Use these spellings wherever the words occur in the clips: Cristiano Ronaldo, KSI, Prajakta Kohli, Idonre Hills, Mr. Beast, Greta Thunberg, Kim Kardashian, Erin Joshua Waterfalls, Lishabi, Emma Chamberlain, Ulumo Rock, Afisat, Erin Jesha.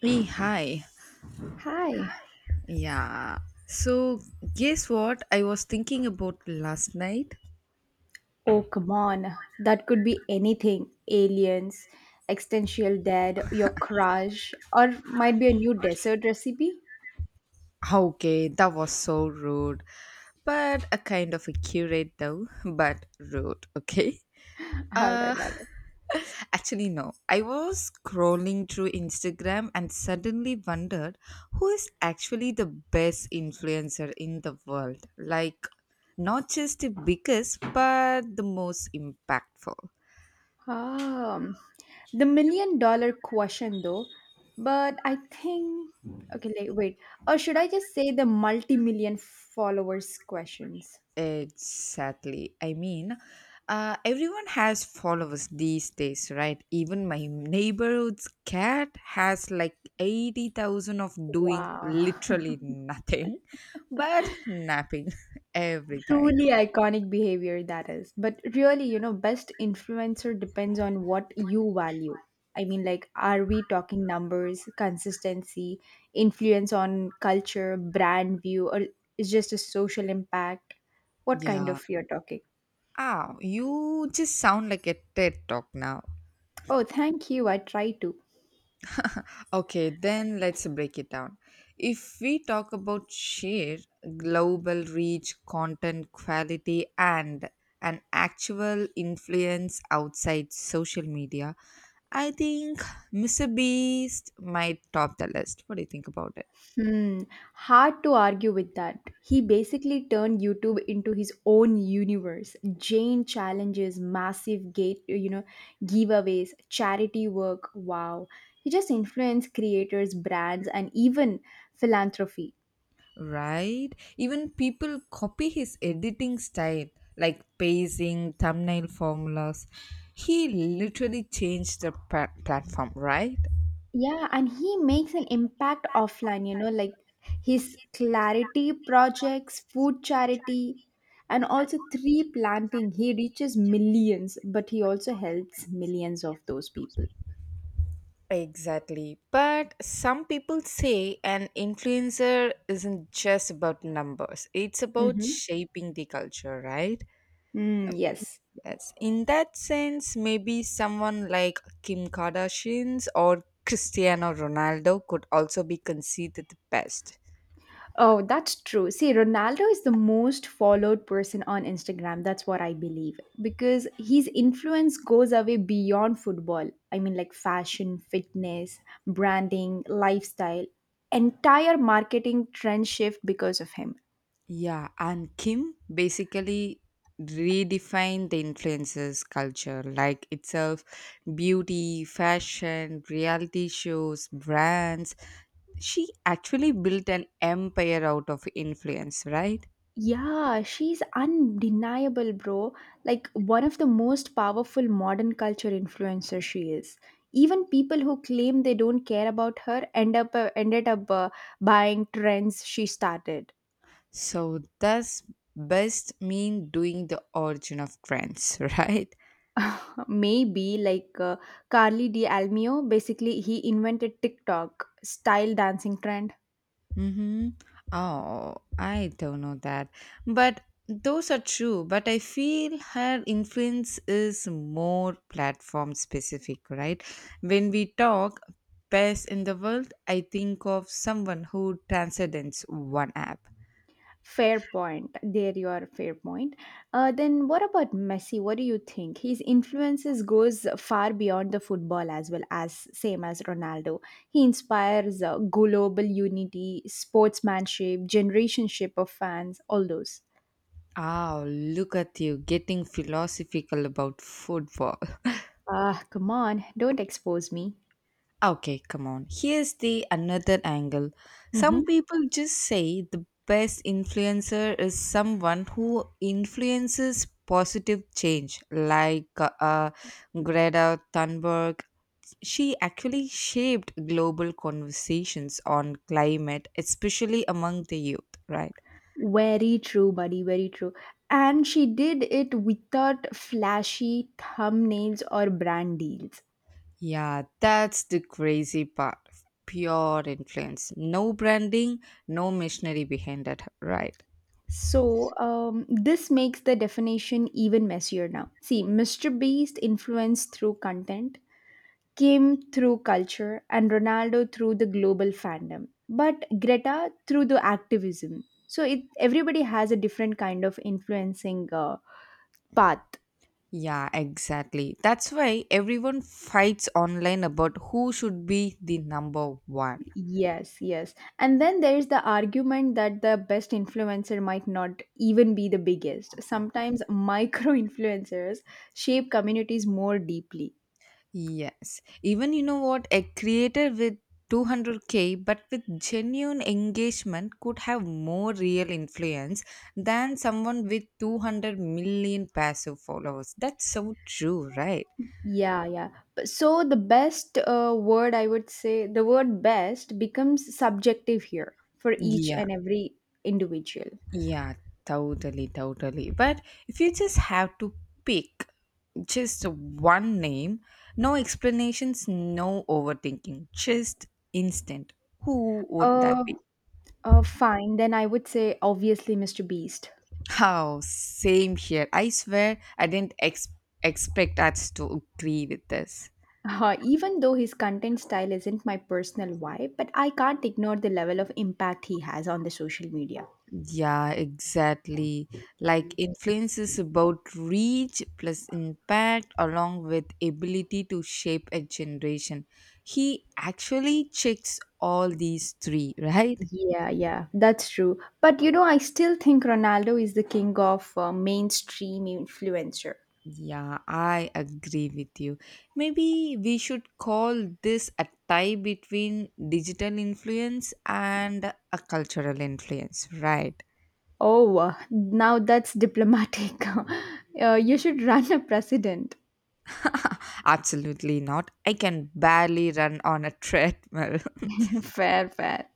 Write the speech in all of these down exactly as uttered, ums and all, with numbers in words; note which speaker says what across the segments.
Speaker 1: Hey, hi.
Speaker 2: Hi.
Speaker 1: Yeah. So, guess what I was thinking about last night?
Speaker 2: Oh, come on. That could be anything. Aliens, existential dead, your crush, or might be a new dessert recipe.
Speaker 1: Okay, that was so rude. But a kind of a curate though, but rude, okay?
Speaker 2: All right,
Speaker 1: Uh
Speaker 2: all
Speaker 1: actually no. I was scrolling through Instagram and suddenly wondered who is actually the best influencer in the world. Like not just the biggest, but the most impactful.
Speaker 2: right. Um, the million dollar question though, but I think okay, like, wait. Or should I just say the multi-million followers questions?
Speaker 1: Exactly. I mean, uh, everyone has followers these days, right? Even my neighborhood's cat has like eighty thousand of doing
Speaker 2: Wow.
Speaker 1: literally nothing but napping every time.
Speaker 2: Truly iconic behavior that is. But really, you know, best influencer depends on what you value. I mean, like, are we talking numbers, consistency, influence on culture, brand view, or is just a social impact? What kind
Speaker 1: Yeah.
Speaker 2: of you're talking?
Speaker 1: Ah, you just sound like a TED talk now.
Speaker 2: Oh, thank you. I try to.
Speaker 1: Okay, then let's break it down. If we talk about share, global reach, content quality, and an actual influence outside social media, I think Mister Beast might top the list. What do you think about it?
Speaker 2: Hmm, hard to argue with that. He basically turned YouTube into his own universe. Jane challenges, massive gate, uh, you know, giveaways, charity work. Wow. He just influenced creators, brands, and even philanthropy.
Speaker 1: Right? Even people copy his editing style, like pacing, thumbnail formulas. He literally changed the pa- platform, right?
Speaker 2: Yeah, and he makes an impact offline, you know, like his clarity projects, food charity, and also tree planting. He reaches millions, but he also helps millions of those people.
Speaker 1: Exactly. But some people say an influencer isn't just about numbers, it's about
Speaker 2: Mm-hmm.
Speaker 1: shaping the culture, right?
Speaker 2: Mm, yes.
Speaker 1: Yes. In that sense, maybe someone like Kim Kardashian's or Cristiano Ronaldo could also be considered the best.
Speaker 2: Oh, that's true. See, Ronaldo is the most followed person on Instagram. That's what I believe because his influence goes away beyond football. I mean, like fashion, fitness, branding, lifestyle, entire marketing trend shift because of him.
Speaker 1: Yeah, and Kim basically redefined the influencers culture like itself, beauty, fashion, reality shows, brands. She actually built an empire out of influence, right?
Speaker 2: Yeah, she's undeniable, bro. Like one of the most powerful modern culture influencers she is. Even people who claim they don't care about her end up uh, ended up uh, buying trends she started.
Speaker 1: So does best mean doing the origin of trends, right?
Speaker 2: Maybe like uh, Carly D. Almeo, basically he invented TikTok style dancing trend.
Speaker 1: Mm-hmm. Oh, I don't know that. But those are true. But I feel her influence is more platform specific, right? When we talk best in the world, I think of someone who transcends one app.
Speaker 2: Fair point. There you are. Fair point. Uh, then what about Messi? What do you think? His influences goes far beyond the football as well as same as Ronaldo. He inspires uh, global unity, sportsmanship, generationship of fans, all those.
Speaker 1: Oh, look at you getting philosophical about football.
Speaker 2: Ah, come on! Don't expose me.
Speaker 1: Okay, come on. Here's the another angle. Some
Speaker 2: Mm-hmm.
Speaker 1: people just say the best influencer is someone who influences positive change, like uh, uh, Greta Thunberg. She actually shaped global conversations on climate, especially among the youth, right?
Speaker 2: Very true, buddy. Very true. And she did it without flashy thumbnails or brand deals.
Speaker 1: Yeah, that's the crazy part. Pure influence. No branding, no missionary behind it, right?
Speaker 2: So, um, this makes the definition even messier now. See, Mister Beast influenced through content, Kim through culture, and Ronaldo through the global fandom, but Greta through the activism. So, it everybody has a different kind of influencing uh, path.
Speaker 1: Yeah, exactly. That's why everyone fights online about who should be the number one.
Speaker 2: Yes, yes. And then there's the argument that the best influencer might not even be the biggest. Sometimes micro influencers shape communities more deeply.
Speaker 1: Yes. Even you know what? A creator with two hundred k but with genuine engagement could have more real influence than someone with two hundred million passive followers. That's so true, right?
Speaker 2: Yeah, yeah. But So the best uh, word I would say, the word best becomes subjective here for each
Speaker 1: Yeah,
Speaker 2: and every individual.
Speaker 1: yeah, totally, totally. But if you just have to pick, just one name, no explanations, no overthinking, just instant. Who would that
Speaker 2: Uh,
Speaker 1: be?
Speaker 2: uh, Fine, then I would say obviously Mister Beast.
Speaker 1: How? Same here. I swear I didn't ex- expect us to agree with this.
Speaker 2: Uh, even though his content style isn't my personal vibe, but I can't ignore the level of impact he has on the social media.
Speaker 1: Yeah, exactly. Like influence is about reach plus impact along with ability to shape a generation. He actually checks all these three, right?
Speaker 2: Yeah, yeah, that's true. But you know, I still think Ronaldo is the king of uh, mainstream influencer.
Speaker 1: Yeah, I agree with you. Maybe we should call this a tie between digital influence and a cultural influence, right?
Speaker 2: Oh, uh, Now that's diplomatic. Uh, you should run a president.
Speaker 1: Absolutely not. I can barely run on a treadmill.
Speaker 2: Fair, fair.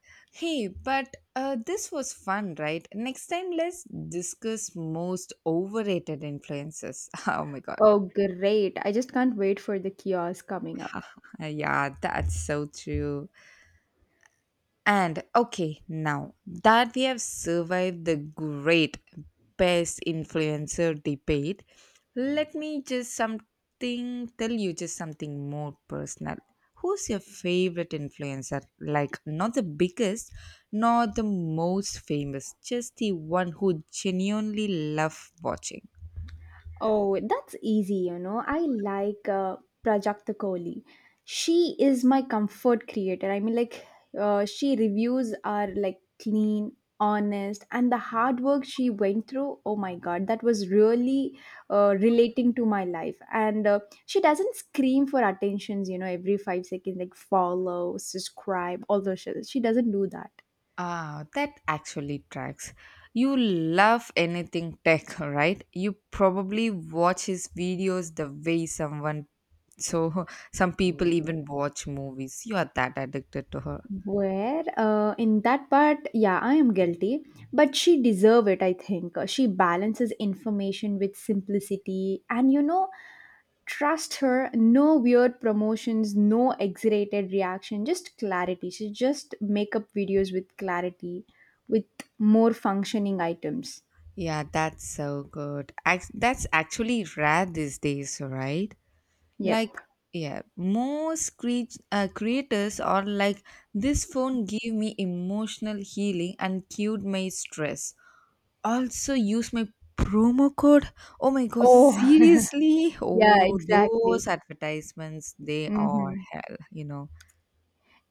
Speaker 1: hey, but uh, this was fun, right? Next time, let's discuss most overrated influences. Oh my god.
Speaker 2: Oh, great. I just can't wait for the kiosk coming up.
Speaker 1: yeah, that's so true. And okay, now that we have survived the great best influencer debate, let me just something tell you just something more personal. Who's your favorite influencer? Like not the biggest, not the most famous, just the one who genuinely love watching.
Speaker 2: Oh, that's easy, you know. I like uh, Prajakta Kohli. She is my comfort creator. I mean, like, uh, she reviews are like clean, honest, and the hard work she went through. Oh my God, that was really uh, relating to my life. And uh, she doesn't scream for attentions, you know, every five seconds, like follow, subscribe, all those shit. She doesn't do that.
Speaker 1: Ah, that actually tracks. You love anything tech, right? You probably watch his videos the way someone, so some people even watch movies. You are that addicted to her.
Speaker 2: Where uh, In that part, yeah, I am guilty, but she deserve it. I think Uh, She balances information with simplicity, and you know, trust her. No weird promotions, no exaggerated reaction, just clarity. She just make up videos with clarity, with more functioning items.
Speaker 1: Yeah, that's so good. Ac- That's actually rare these days, right?
Speaker 2: Yep.
Speaker 1: Like, yeah, most cre- uh, creators are like, this phone gave me emotional healing and cured my stress. Also use my promo code. Oh my god,
Speaker 2: Oh,
Speaker 1: seriously?
Speaker 2: yeah,
Speaker 1: Oh,
Speaker 2: exactly.
Speaker 1: those advertisements, they are
Speaker 2: Mm-hmm.
Speaker 1: hell, you know.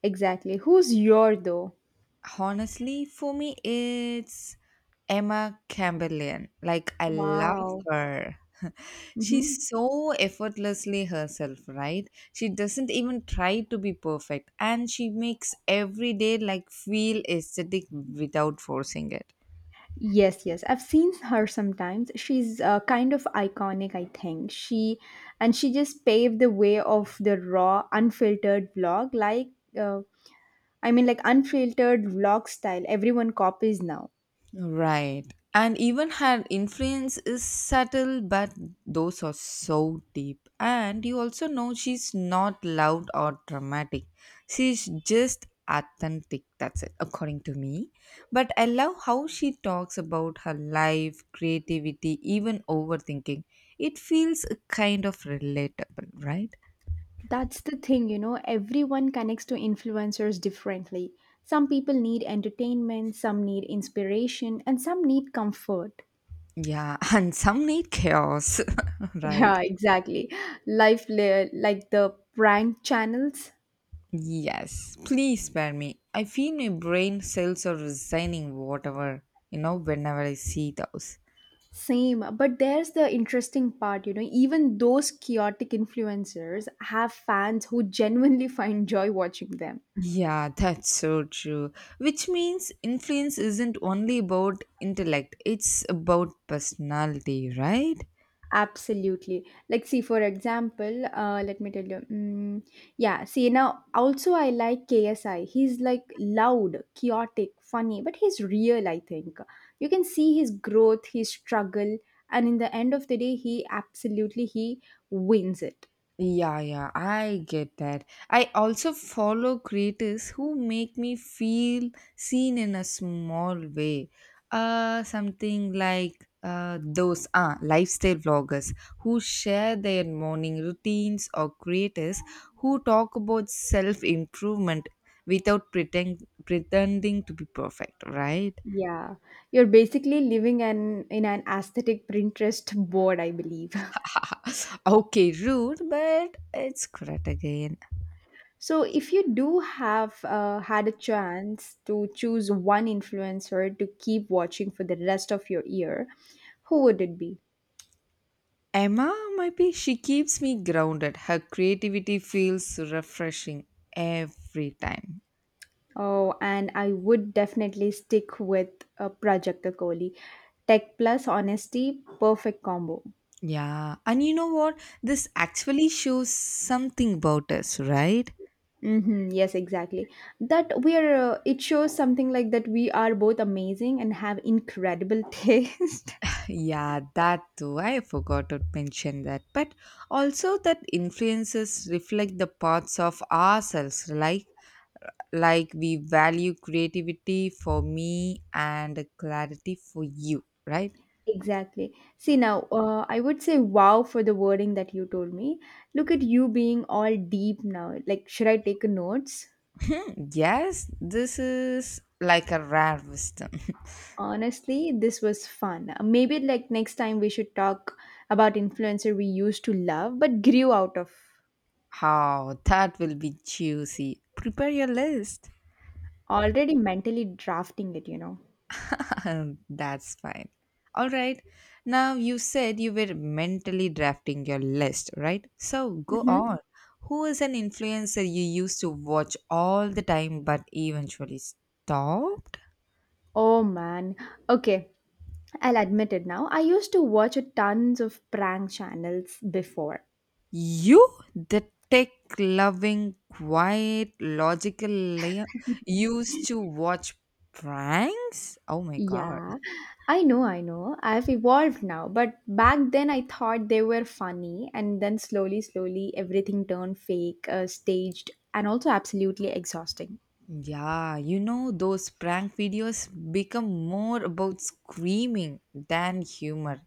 Speaker 2: Exactly. Who's your though?
Speaker 1: Honestly, for me, it's Emma Chamberlain. Like, I love
Speaker 2: Wow.
Speaker 1: her. She's
Speaker 2: Mm-hmm.
Speaker 1: so effortlessly herself, right? She doesn't even try to be perfect, and she makes every day like feel aesthetic without forcing it.
Speaker 2: Yes, yes. I've seen her sometimes. She's uh, kind of iconic, I think. She and she just paved the way of the raw, unfiltered vlog. Like, uh, I mean, like unfiltered vlog style. Everyone copies now.
Speaker 1: Right. And even her influence is subtle, but those are so deep. And you also know she's not loud or dramatic. She's just authentic, that's it, according to me. But I love how she talks about her life, creativity, even overthinking. It feels kind of relatable, right?
Speaker 2: That's the thing, you know. Everyone connects to influencers differently. Some people need entertainment, some need inspiration, and some need comfort.
Speaker 1: Yeah, and some need chaos, right?
Speaker 2: Yeah, exactly. Life, li- like the prank channels.
Speaker 1: Yes, please spare me. I feel my brain cells are resigning whatever, you know, whenever I see those.
Speaker 2: Same, but there's the interesting part, you know, even those chaotic influencers have fans who genuinely find joy watching them.
Speaker 1: Yeah, that's so true. Which means influence isn't only about intellect, it's about personality, right?
Speaker 2: Absolutely. Like, see, for example, uh, let me tell you. Mm, yeah, see, now also I like K S I. He's like loud, chaotic, funny, but he's real, I think. You can see his growth, his struggle, and in the end of the day, he absolutely he wins it.
Speaker 1: Yeah, yeah, I get that. I also follow creators who make me feel seen in a small way. Uh, something like uh, those uh, lifestyle vloggers who share their morning routines, or creators who talk about self improvement without pretend, pretending to be perfect, right?
Speaker 2: Yeah, you're basically living an in an aesthetic Pinterest board, I believe.
Speaker 1: Okay, rude, but it's correct again.
Speaker 2: So, if you do have uh, had a chance to choose one influencer to keep watching for the rest of your year, who would it be?
Speaker 1: Emma might be. She keeps me grounded. Her creativity feels refreshing every time.
Speaker 2: Oh, and I would definitely stick with uh, Prajakta Kohli. Tech plus honesty, perfect combo.
Speaker 1: Yeah. And you know what? This actually shows something about us, right?
Speaker 2: Hmm, yes, exactly. That we are. Uh, it shows something like that we are both amazing and have incredible taste.
Speaker 1: Yeah, that too. I forgot to mention that. But also that influences reflect the parts of ourselves, like like we value creativity for me and clarity for you, right?
Speaker 2: Exactly. See now, uh, I would say wow for the wording that you told me. Look at you being all deep now. Like, should I take notes?
Speaker 1: Yes, this is like a rare wisdom.
Speaker 2: Honestly, this was fun. Uh, Maybe like next time we should talk about influencer we used to love but grew out of.
Speaker 1: Oh, that will be juicy. Prepare your list.
Speaker 2: Already mentally drafting it, you know.
Speaker 1: That's fine. All right. Now, you said you were mentally drafting your list, right? So go
Speaker 2: Mm-hmm.
Speaker 1: on. Who is an influencer you used to watch all the time but eventually stopped?
Speaker 2: Oh man. Okay, I'll admit it now. I used to watch a tons of prank channels before.
Speaker 1: You, the tech loving, quiet, logical layer, used to watch pranks? Oh my god.
Speaker 2: Yeah, I know, I know. I've evolved now, but back then I thought they were funny, and then slowly, slowly, everything turned fake, uh, staged, and also absolutely exhausting.
Speaker 1: Yeah, you know, those prank videos become more about screaming than humor,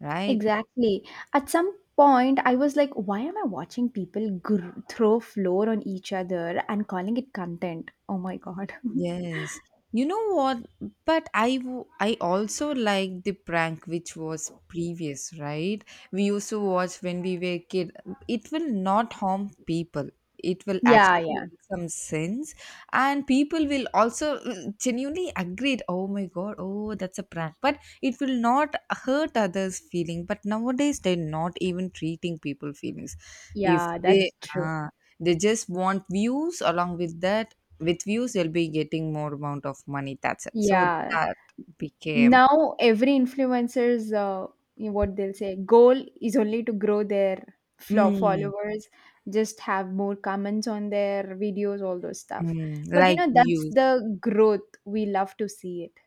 Speaker 1: right?
Speaker 2: Exactly. At some point, I was like, why am I watching people gr- throw floor on each other and calling it content? Oh my God.
Speaker 1: Yes. You know what? But I w- I also like the prank which was previous, right? We used to watch when we were kid. It will not harm people. It will
Speaker 2: Yeah,
Speaker 1: actually
Speaker 2: yeah,
Speaker 1: make some sense, and people will also mm, genuinely agree. Oh my god! Oh, that's a prank. But it will not hurt others' feeling. But nowadays they're not even treating people feelings. If
Speaker 2: yeah,
Speaker 1: they
Speaker 2: that's true.
Speaker 1: ah, they just want views along with that with views you'll be getting more amount of money, that's it. So
Speaker 2: Yeah,
Speaker 1: that became
Speaker 2: now every influencer's uh, you know, what they'll say goal is only to grow their flo-
Speaker 1: mm,
Speaker 2: followers, just have more comments on their videos, all those stuff.
Speaker 1: mm,
Speaker 2: But you
Speaker 1: like
Speaker 2: know that's
Speaker 1: views,
Speaker 2: the growth we love to see it.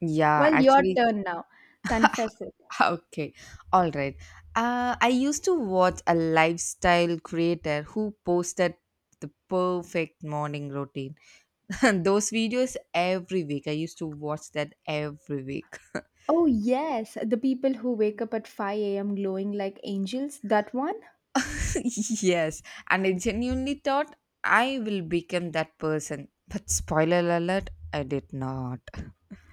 Speaker 1: yeah
Speaker 2: Well, your
Speaker 1: actually.
Speaker 2: turn now. Confess it.
Speaker 1: Okay, all right, uh, I used to watch a lifestyle creator who posted the perfect morning routine and those videos every week. I used to watch that every week.
Speaker 2: Oh yes, the people who wake up at five a m glowing like angels, that one?
Speaker 1: Yes, and I genuinely thought I will become that person, but spoiler alert, I did not.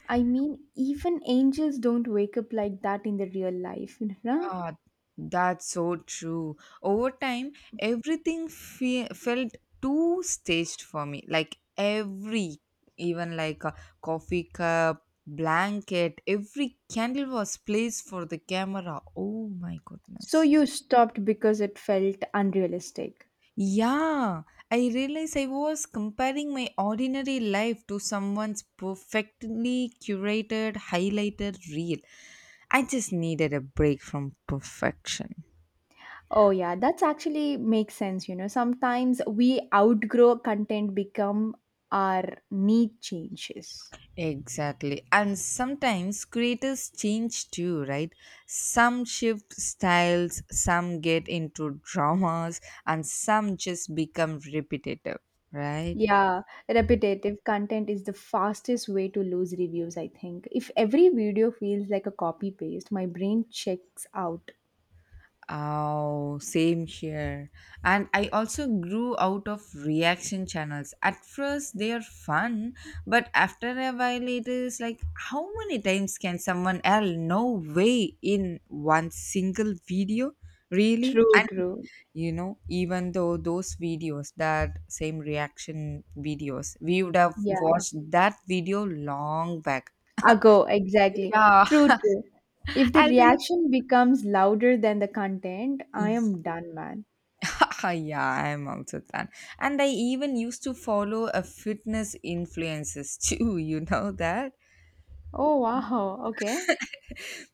Speaker 2: I mean, even angels don't wake up like that in the real life, you know?
Speaker 1: Ah, that's so true. Over time, everything fe- felt too staged for me. Like every, even like a coffee cup, blanket, every candle was placed for the camera. Oh my
Speaker 2: So
Speaker 1: goodness.
Speaker 2: you stopped because it felt unrealistic.
Speaker 1: Yeah, I realized I was comparing my ordinary life to someone's perfectly curated, highlighted reel. I just needed a break from perfection.
Speaker 2: Oh yeah, that's actually makes sense, you know. Sometimes we outgrow content become our need changes.
Speaker 1: Exactly. And sometimes creators change too, right? Some shift styles, some get into dramas, and some just become repetitive, right?
Speaker 2: Yeah, repetitive content is the fastest way to lose reviews, I think. If every video feels like a copy paste, my brain checks out.
Speaker 1: Oh, same here. And I also grew out of reaction channels. At first, they are fun, but after a while, it is like, how many times can someone else? No way in one single video? Really?
Speaker 2: True, true.
Speaker 1: You know, even though those videos, that same reaction videos, we would have
Speaker 2: Yeah.
Speaker 1: watched that video long back.
Speaker 2: Ago, exactly.
Speaker 1: Yeah,
Speaker 2: True, true. If the
Speaker 1: I'll be
Speaker 2: reaction becomes louder than the content, I
Speaker 1: like,
Speaker 2: am done, man.
Speaker 1: yeah, yeah, I'm also done. And I even used to follow a fitness influences too, you know that.
Speaker 2: Oh wow, okay.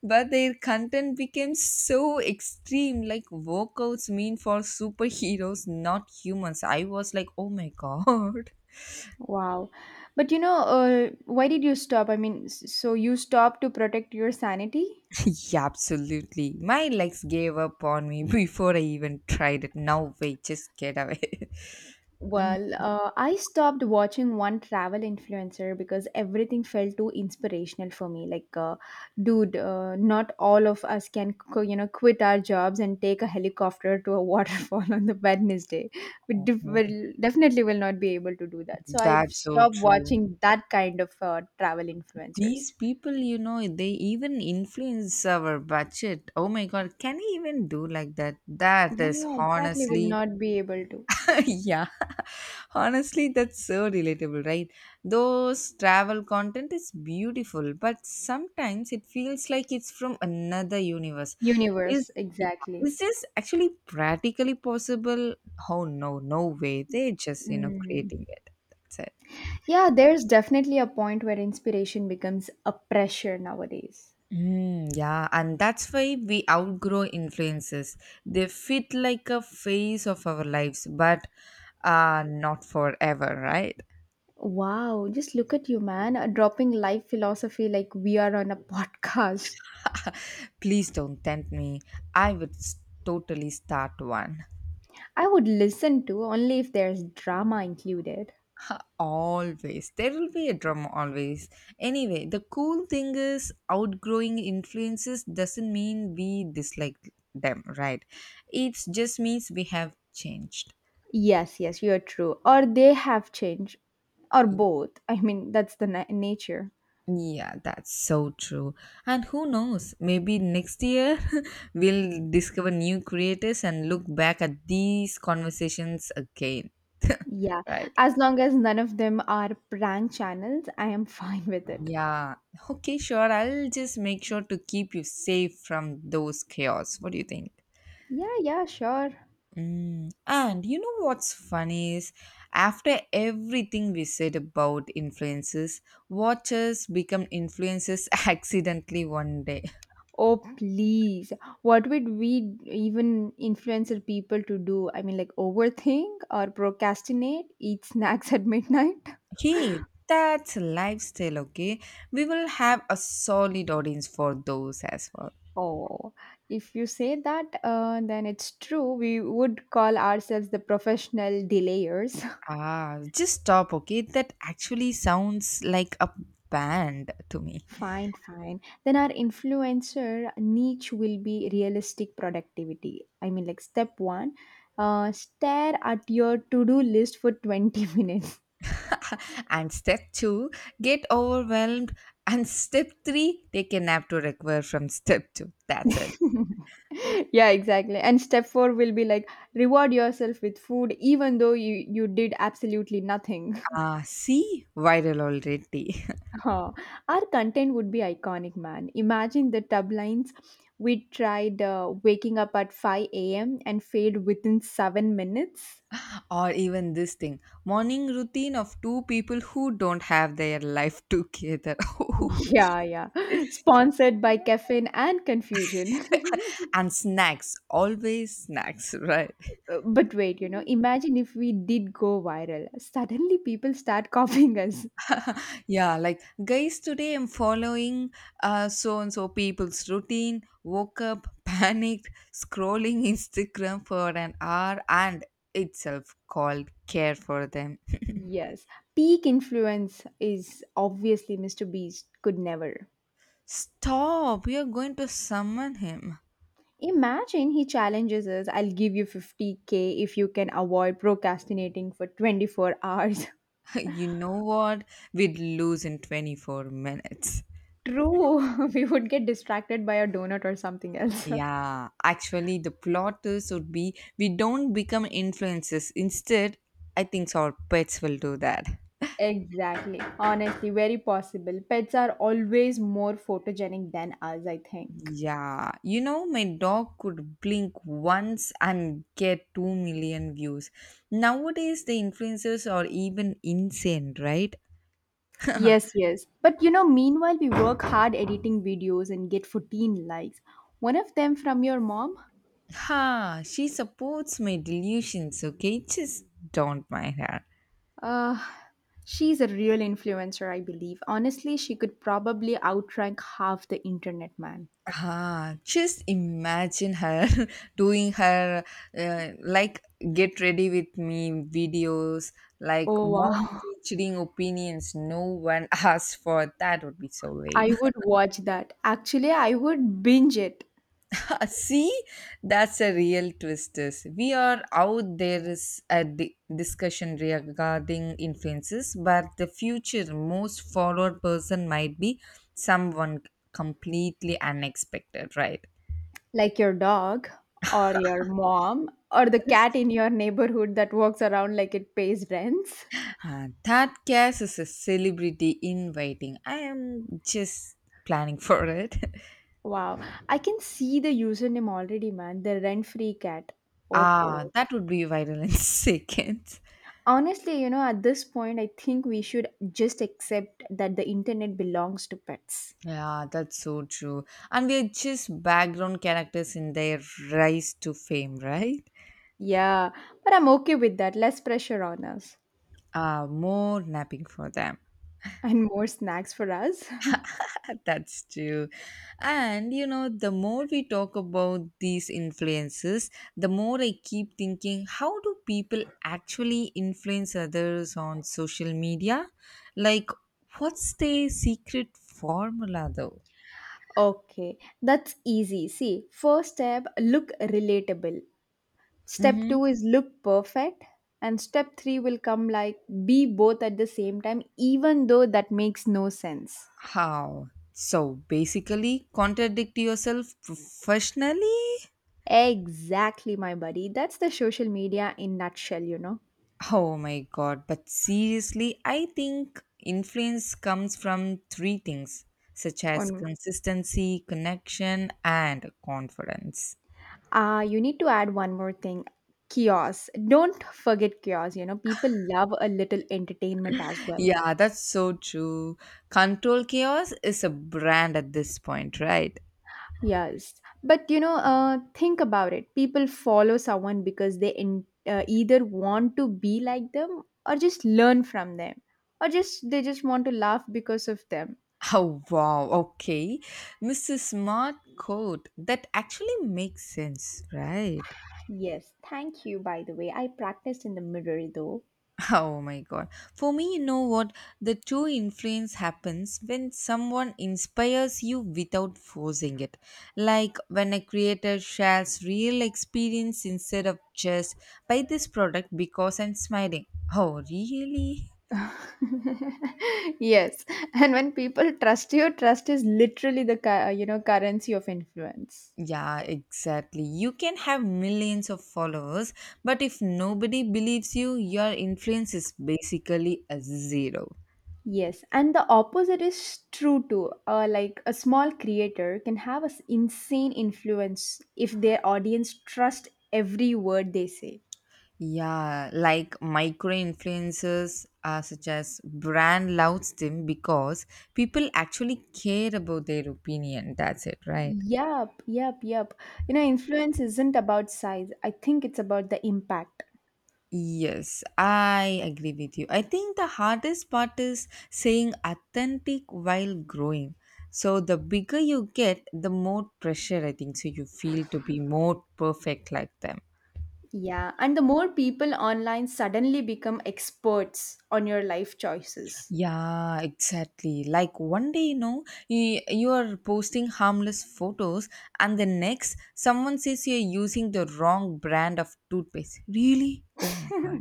Speaker 1: But their content became so extreme, like workouts mean for superheroes, not humans. I was like, oh my god.
Speaker 2: Wow. But you know, uh, why did you stop? I mean, s- so you stopped to protect your sanity?
Speaker 1: Yeah, absolutely. My legs gave up on me before I even tried it. Now wait, just get away. Mm.
Speaker 2: Well, uh, I stopped watching one travel influencer because everything felt too inspirational for me. Like, uh, dude, uh, not all of us can, co- you know, quit our jobs and take a helicopter to a waterfall on the Wednesday. We def-
Speaker 1: Oh,
Speaker 2: will, definitely will not be able to do that. So I've
Speaker 1: that's so
Speaker 2: stopped
Speaker 1: true.
Speaker 2: watching that kind of uh, travel influencers.
Speaker 1: These people, you know, they even influence our budget. Oh my god, can you even do like that? That is
Speaker 2: Yeah, exactly. Will
Speaker 1: honestly
Speaker 2: not be able to.
Speaker 1: yeah honestly that's so relatable, right? Those travel content is beautiful, but sometimes it feels like it's from another universe. Is,
Speaker 2: Universe,
Speaker 1: yeah,
Speaker 2: exactly.
Speaker 1: is this actually practically possible? Oh no, no way, they're just, you know,
Speaker 2: Mm.
Speaker 1: creating it, that's it.
Speaker 2: Yeah, there's definitely a point where inspiration becomes a pressure nowadays.
Speaker 1: Mm, yeah, and that's why we outgrow influences. They fit like a phase of our lives, but uh, not forever, right?
Speaker 2: Wow, just look at you, man, uh, dropping life philosophy like we are on a podcast.
Speaker 1: Please don't tempt me. I would s- totally start one.
Speaker 2: I would listen to only if there's drama included.
Speaker 1: Always. There will be a drama always. Anyway, the cool thing is outgrowing influences doesn't mean we dislike them, right? It just means we have changed.
Speaker 2: Yes, yes, you're true. Or they have changed, or both. I mean, that's the na- nature.
Speaker 1: Yeah, that's so true. And who knows, maybe next year we'll discover new creators and look back at these conversations again,
Speaker 2: Yeah,
Speaker 1: right?
Speaker 2: as long as none of them are prank channels, I am fine with it.
Speaker 1: Yeah. Okay, sure. I'll just make sure to keep you safe from those chaos. What do you think?
Speaker 2: Yeah, yeah, sure.
Speaker 1: Mm. And you know what's funny is after everything we said about influences, watchers become influences accidentally one day.
Speaker 2: Oh, please. What would we even influencer people to do? I mean, like overthink or procrastinate, eat snacks at midnight?
Speaker 1: Hey, that's a lifestyle, okay? We will have a solid audience for those as well.
Speaker 2: Oh, if you say that, uh, then it's true. We would call ourselves the professional delayers.
Speaker 1: Ah, just stop, okay? That actually sounds like a band to me.
Speaker 2: Fine, fine. Then our influencer niche will be realistic productivity. I mean, like step one, uh, stare at your to do list for twenty minutes.
Speaker 1: And step two, get overwhelmed, and step three, take a nap to recover from step two, that's it.
Speaker 2: Yeah exactly, and step four will be like reward yourself with food even though you you did absolutely nothing.
Speaker 1: Ah, see, viral already.
Speaker 2: Huh. Our content would be iconic man, imagine the tub lines. We tried uh, waking up at five a.m and failed within seven minutes.
Speaker 1: Or even this thing, morning routine of two people who don't have their life together.
Speaker 2: Yeah yeah, sponsored by caffeine and confusion.
Speaker 1: And snacks, always snacks, right?
Speaker 2: Uh, but wait, you know, imagine if we did go viral suddenly people start copying us.
Speaker 1: Yeah, like guys, today I'm following uh, so and so people's routine. Woke up, panicked, scrolling Instagram for an hour, and itself called care for them.
Speaker 2: Yes, peak influence is obviously Mister Beast could never.
Speaker 1: Stop, we are going to summon him.
Speaker 2: Imagine he challenges us, I'll give you fifty k if you can avoid procrastinating for twenty-four hours.
Speaker 1: You know what? We'd lose in twenty-four minutes.
Speaker 2: True, we would get distracted by a donut or something else.
Speaker 1: Yeah, actually, the plot twist would be we don't become influencers. Instead, I think our pets will do that.
Speaker 2: Exactly. Honestly, very possible. Pets are always more photogenic than us, I think.
Speaker 1: Yeah, you know, my dog could blink once and get two million views. Nowadays, the influencers are even insane, right?
Speaker 2: Yes, yes. But you know, meanwhile, we work hard editing videos and get fourteen likes. One of them from your mom?
Speaker 1: Ha, she supports my delusions, okay? Just don't mind her.
Speaker 2: Uh, she's a real influencer, I believe. Honestly, she could probably outrank half the internet, man.
Speaker 1: Ah, just imagine her doing her uh, like get ready with me videos, like
Speaker 2: Oh,
Speaker 1: mom
Speaker 2: wow.
Speaker 1: featuring opinions. No one asked for that would be so
Speaker 2: I
Speaker 1: lame.
Speaker 2: would watch that. Actually, I would binge it.
Speaker 1: See, that's a real twist. Is we are out there, is a di- discussion regarding influences, but the future most followed person might be someone completely unexpected, right?
Speaker 2: Like your dog, or your mom, or the cat in your neighborhood that walks around like it pays rents.
Speaker 1: Uh, that case is a celebrity in waiting. I am just planning for it.
Speaker 2: Wow. I can see the username already, man. The rent free cat. Oh,
Speaker 1: Ah,
Speaker 2: ho.
Speaker 1: that would be viral in seconds.
Speaker 2: Honestly, you know, at this point, I think we should just accept that the internet belongs to pets.
Speaker 1: Yeah, that's so true. And we are just background characters in their rise to fame, right?
Speaker 2: Yeah, but I'm okay with that. Less pressure on us
Speaker 1: Uh, more napping for them.
Speaker 2: and more snacks for us.
Speaker 1: That's true. And you know, the more we talk about these influences, the more I keep thinking, how do people actually influence others on social media? Like, what's their secret formula though?
Speaker 2: Okay, that's easy. See, first step, look relatable. Step
Speaker 1: Mm-hmm.
Speaker 2: two is look perfect. And step three will come like be both at the same time, even though that makes no sense.
Speaker 1: How? So basically, contradict yourself professionally.
Speaker 2: Exactly, my buddy. That's the social media in nutshell, you know.
Speaker 1: Oh my god, but seriously, I think influence comes from three things, such as
Speaker 2: On
Speaker 1: consistency, connection, and confidence.
Speaker 2: ah, you need to add one more thing. Kiosk. Don't forget kiosk, you know. People love a little entertainment as well.
Speaker 1: Yeah, that's so true. Control Chaos is a brand at this point, right?
Speaker 2: Yes, but you know, uh, think about it. People follow someone because they in, uh, either want to be like them, or just learn from them, or just they just want to laugh because of them.
Speaker 1: Oh wow, okay. missus Smart Code. That actually makes sense, right?
Speaker 2: Yes, thank you, by the way. I practiced in the mirror though.
Speaker 1: Oh my god. For me, you know what? The true influence happens when someone inspires you without forcing it. Like when a creator shares real experience instead of just, buy this product because I'm smiling. Oh, really?
Speaker 2: Yes, and when people trust you, trust is literally the cu- uh, you know currency of influence.
Speaker 1: Yeah, exactly. You can have millions of followers, but if nobody believes you, your influence is basically a zero.
Speaker 2: Yes, and the opposite is true too. Uh, like a small creator can have an insane influence if their audience trust every word they say.
Speaker 1: Yeah, like micro influencers, uh, such as brand loves them because people actually care about their opinion. That's it, right?
Speaker 2: Yep, yep, yep. You know, influence isn't about size. I think it's about the impact.
Speaker 1: Yes, I agree with you. I think the hardest part is saying authentic while growing. So the bigger you get, the more pressure I think so you feel to be more perfect like them.
Speaker 2: Yeah, and the more people online suddenly become experts on your life choices.
Speaker 1: Yeah, exactly. Like one day, you know, you, you are posting harmless photos, and the next, someone says you're using the wrong brand of toothpaste. Really? Oh my god.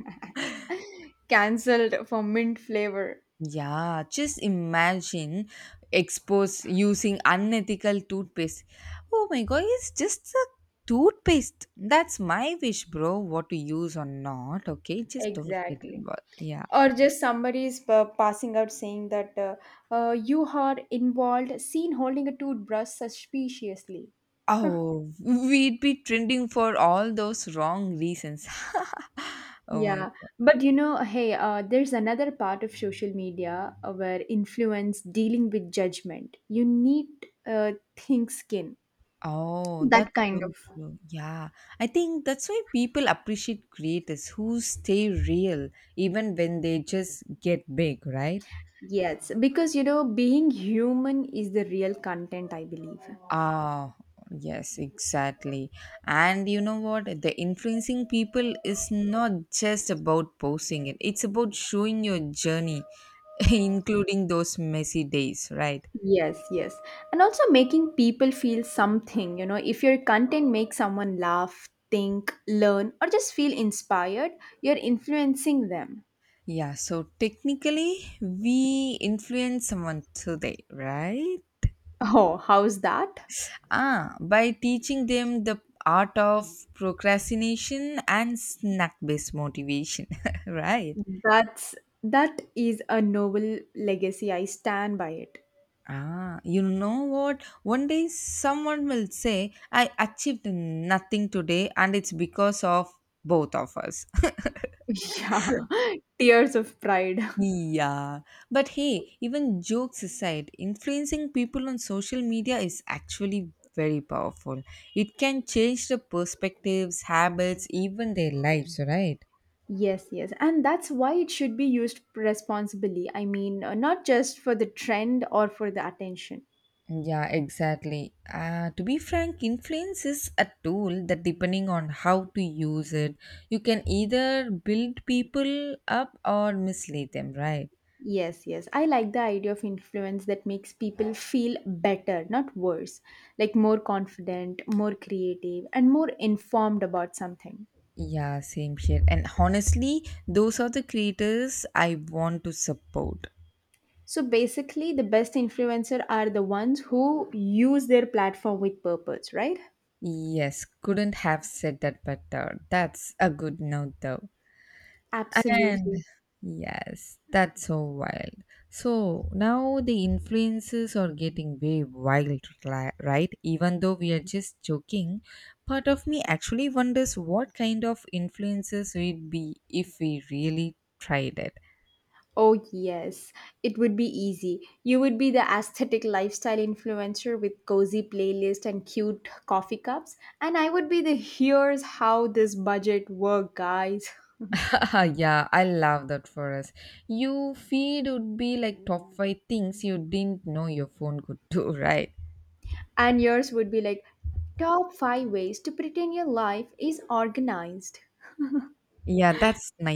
Speaker 2: Cancelled for mint flavor.
Speaker 1: Yeah, just imagine, expose using unethical toothpaste. Oh my god, it's just a toothpaste. That's my wish, bro. What to use or not, okay? Just don't get
Speaker 2: Exactly.
Speaker 1: involved. Yeah.
Speaker 2: Or just somebody is pa- passing out saying that uh, uh, you are involved seen holding a toothbrush suspiciously.
Speaker 1: Oh, we'd be trending for all those wrong reasons. Oh my
Speaker 2: Yeah,
Speaker 1: God.
Speaker 2: but you know hey, uh, there's another part of social media uh, where influence dealing with judgment, you need uh, think skin,
Speaker 1: Oh,
Speaker 2: that
Speaker 1: that's
Speaker 2: kind
Speaker 1: so
Speaker 2: of.
Speaker 1: true. Yeah. I think that's why people appreciate creators who stay real even when they just get big, right?
Speaker 2: Yes, because you know being human is the real content, I believe.
Speaker 1: Ah, yes, exactly. And you know what? The influencing people is not just about posting it, it's about showing your journey, including those messy days, right?
Speaker 2: Yes, yes. And also making people feel something, you know, if your content makes someone laugh, think, learn, or just feel inspired, you're influencing them.
Speaker 1: Yeah, so technically we influence someone today, right?
Speaker 2: Oh, how's that?
Speaker 1: Ah, by teaching them the art of procrastination and snack based motivation, right?
Speaker 2: That's that is a noble legacy. I stand by it.
Speaker 1: Ah, you know what? One day someone will say, I achieved nothing today, and it's because of both of us.
Speaker 2: Yeah. Tears of pride.
Speaker 1: Yeah, but hey, even jokes aside, influencing people on social media is actually very powerful. It can change the perspectives, habits, even their lives, right?
Speaker 2: Yes, yes. And that's why it should be used responsibly. I mean, uh, not just for the trend or for the attention.
Speaker 1: Yeah, exactly. Uh, to be frank, influence is a tool that, depending on how to use it, you can either build people up or mislead them, right?
Speaker 2: Yes, yes. I like the idea of influence that makes people feel better, not worse. Like more confident, more creative, and more informed about something.
Speaker 1: Yeah, same here. And honestly, those are the creators I want to support.
Speaker 2: So basically, the best influencer are the ones who use their platform with purpose, right?
Speaker 1: Yes, couldn't have said that better. That's a good note, though. And
Speaker 2: Absolutely.
Speaker 1: yes, that's so wild. So now the influences are getting way wild, li- right? Even though we are just joking, part of me actually wonders what kind of influences we'd be if we really tried it.
Speaker 2: Oh, yes. It would be easy. You would be the aesthetic lifestyle influencer with cozy playlist and cute coffee cups, and I would be the here's how this budget work, guys.
Speaker 1: Yeah, I love that for us. You feed would be like top five things you didn't know your phone could do, right?
Speaker 2: And yours would be like top five ways to pretend your life is organized
Speaker 1: Yeah, that's nice.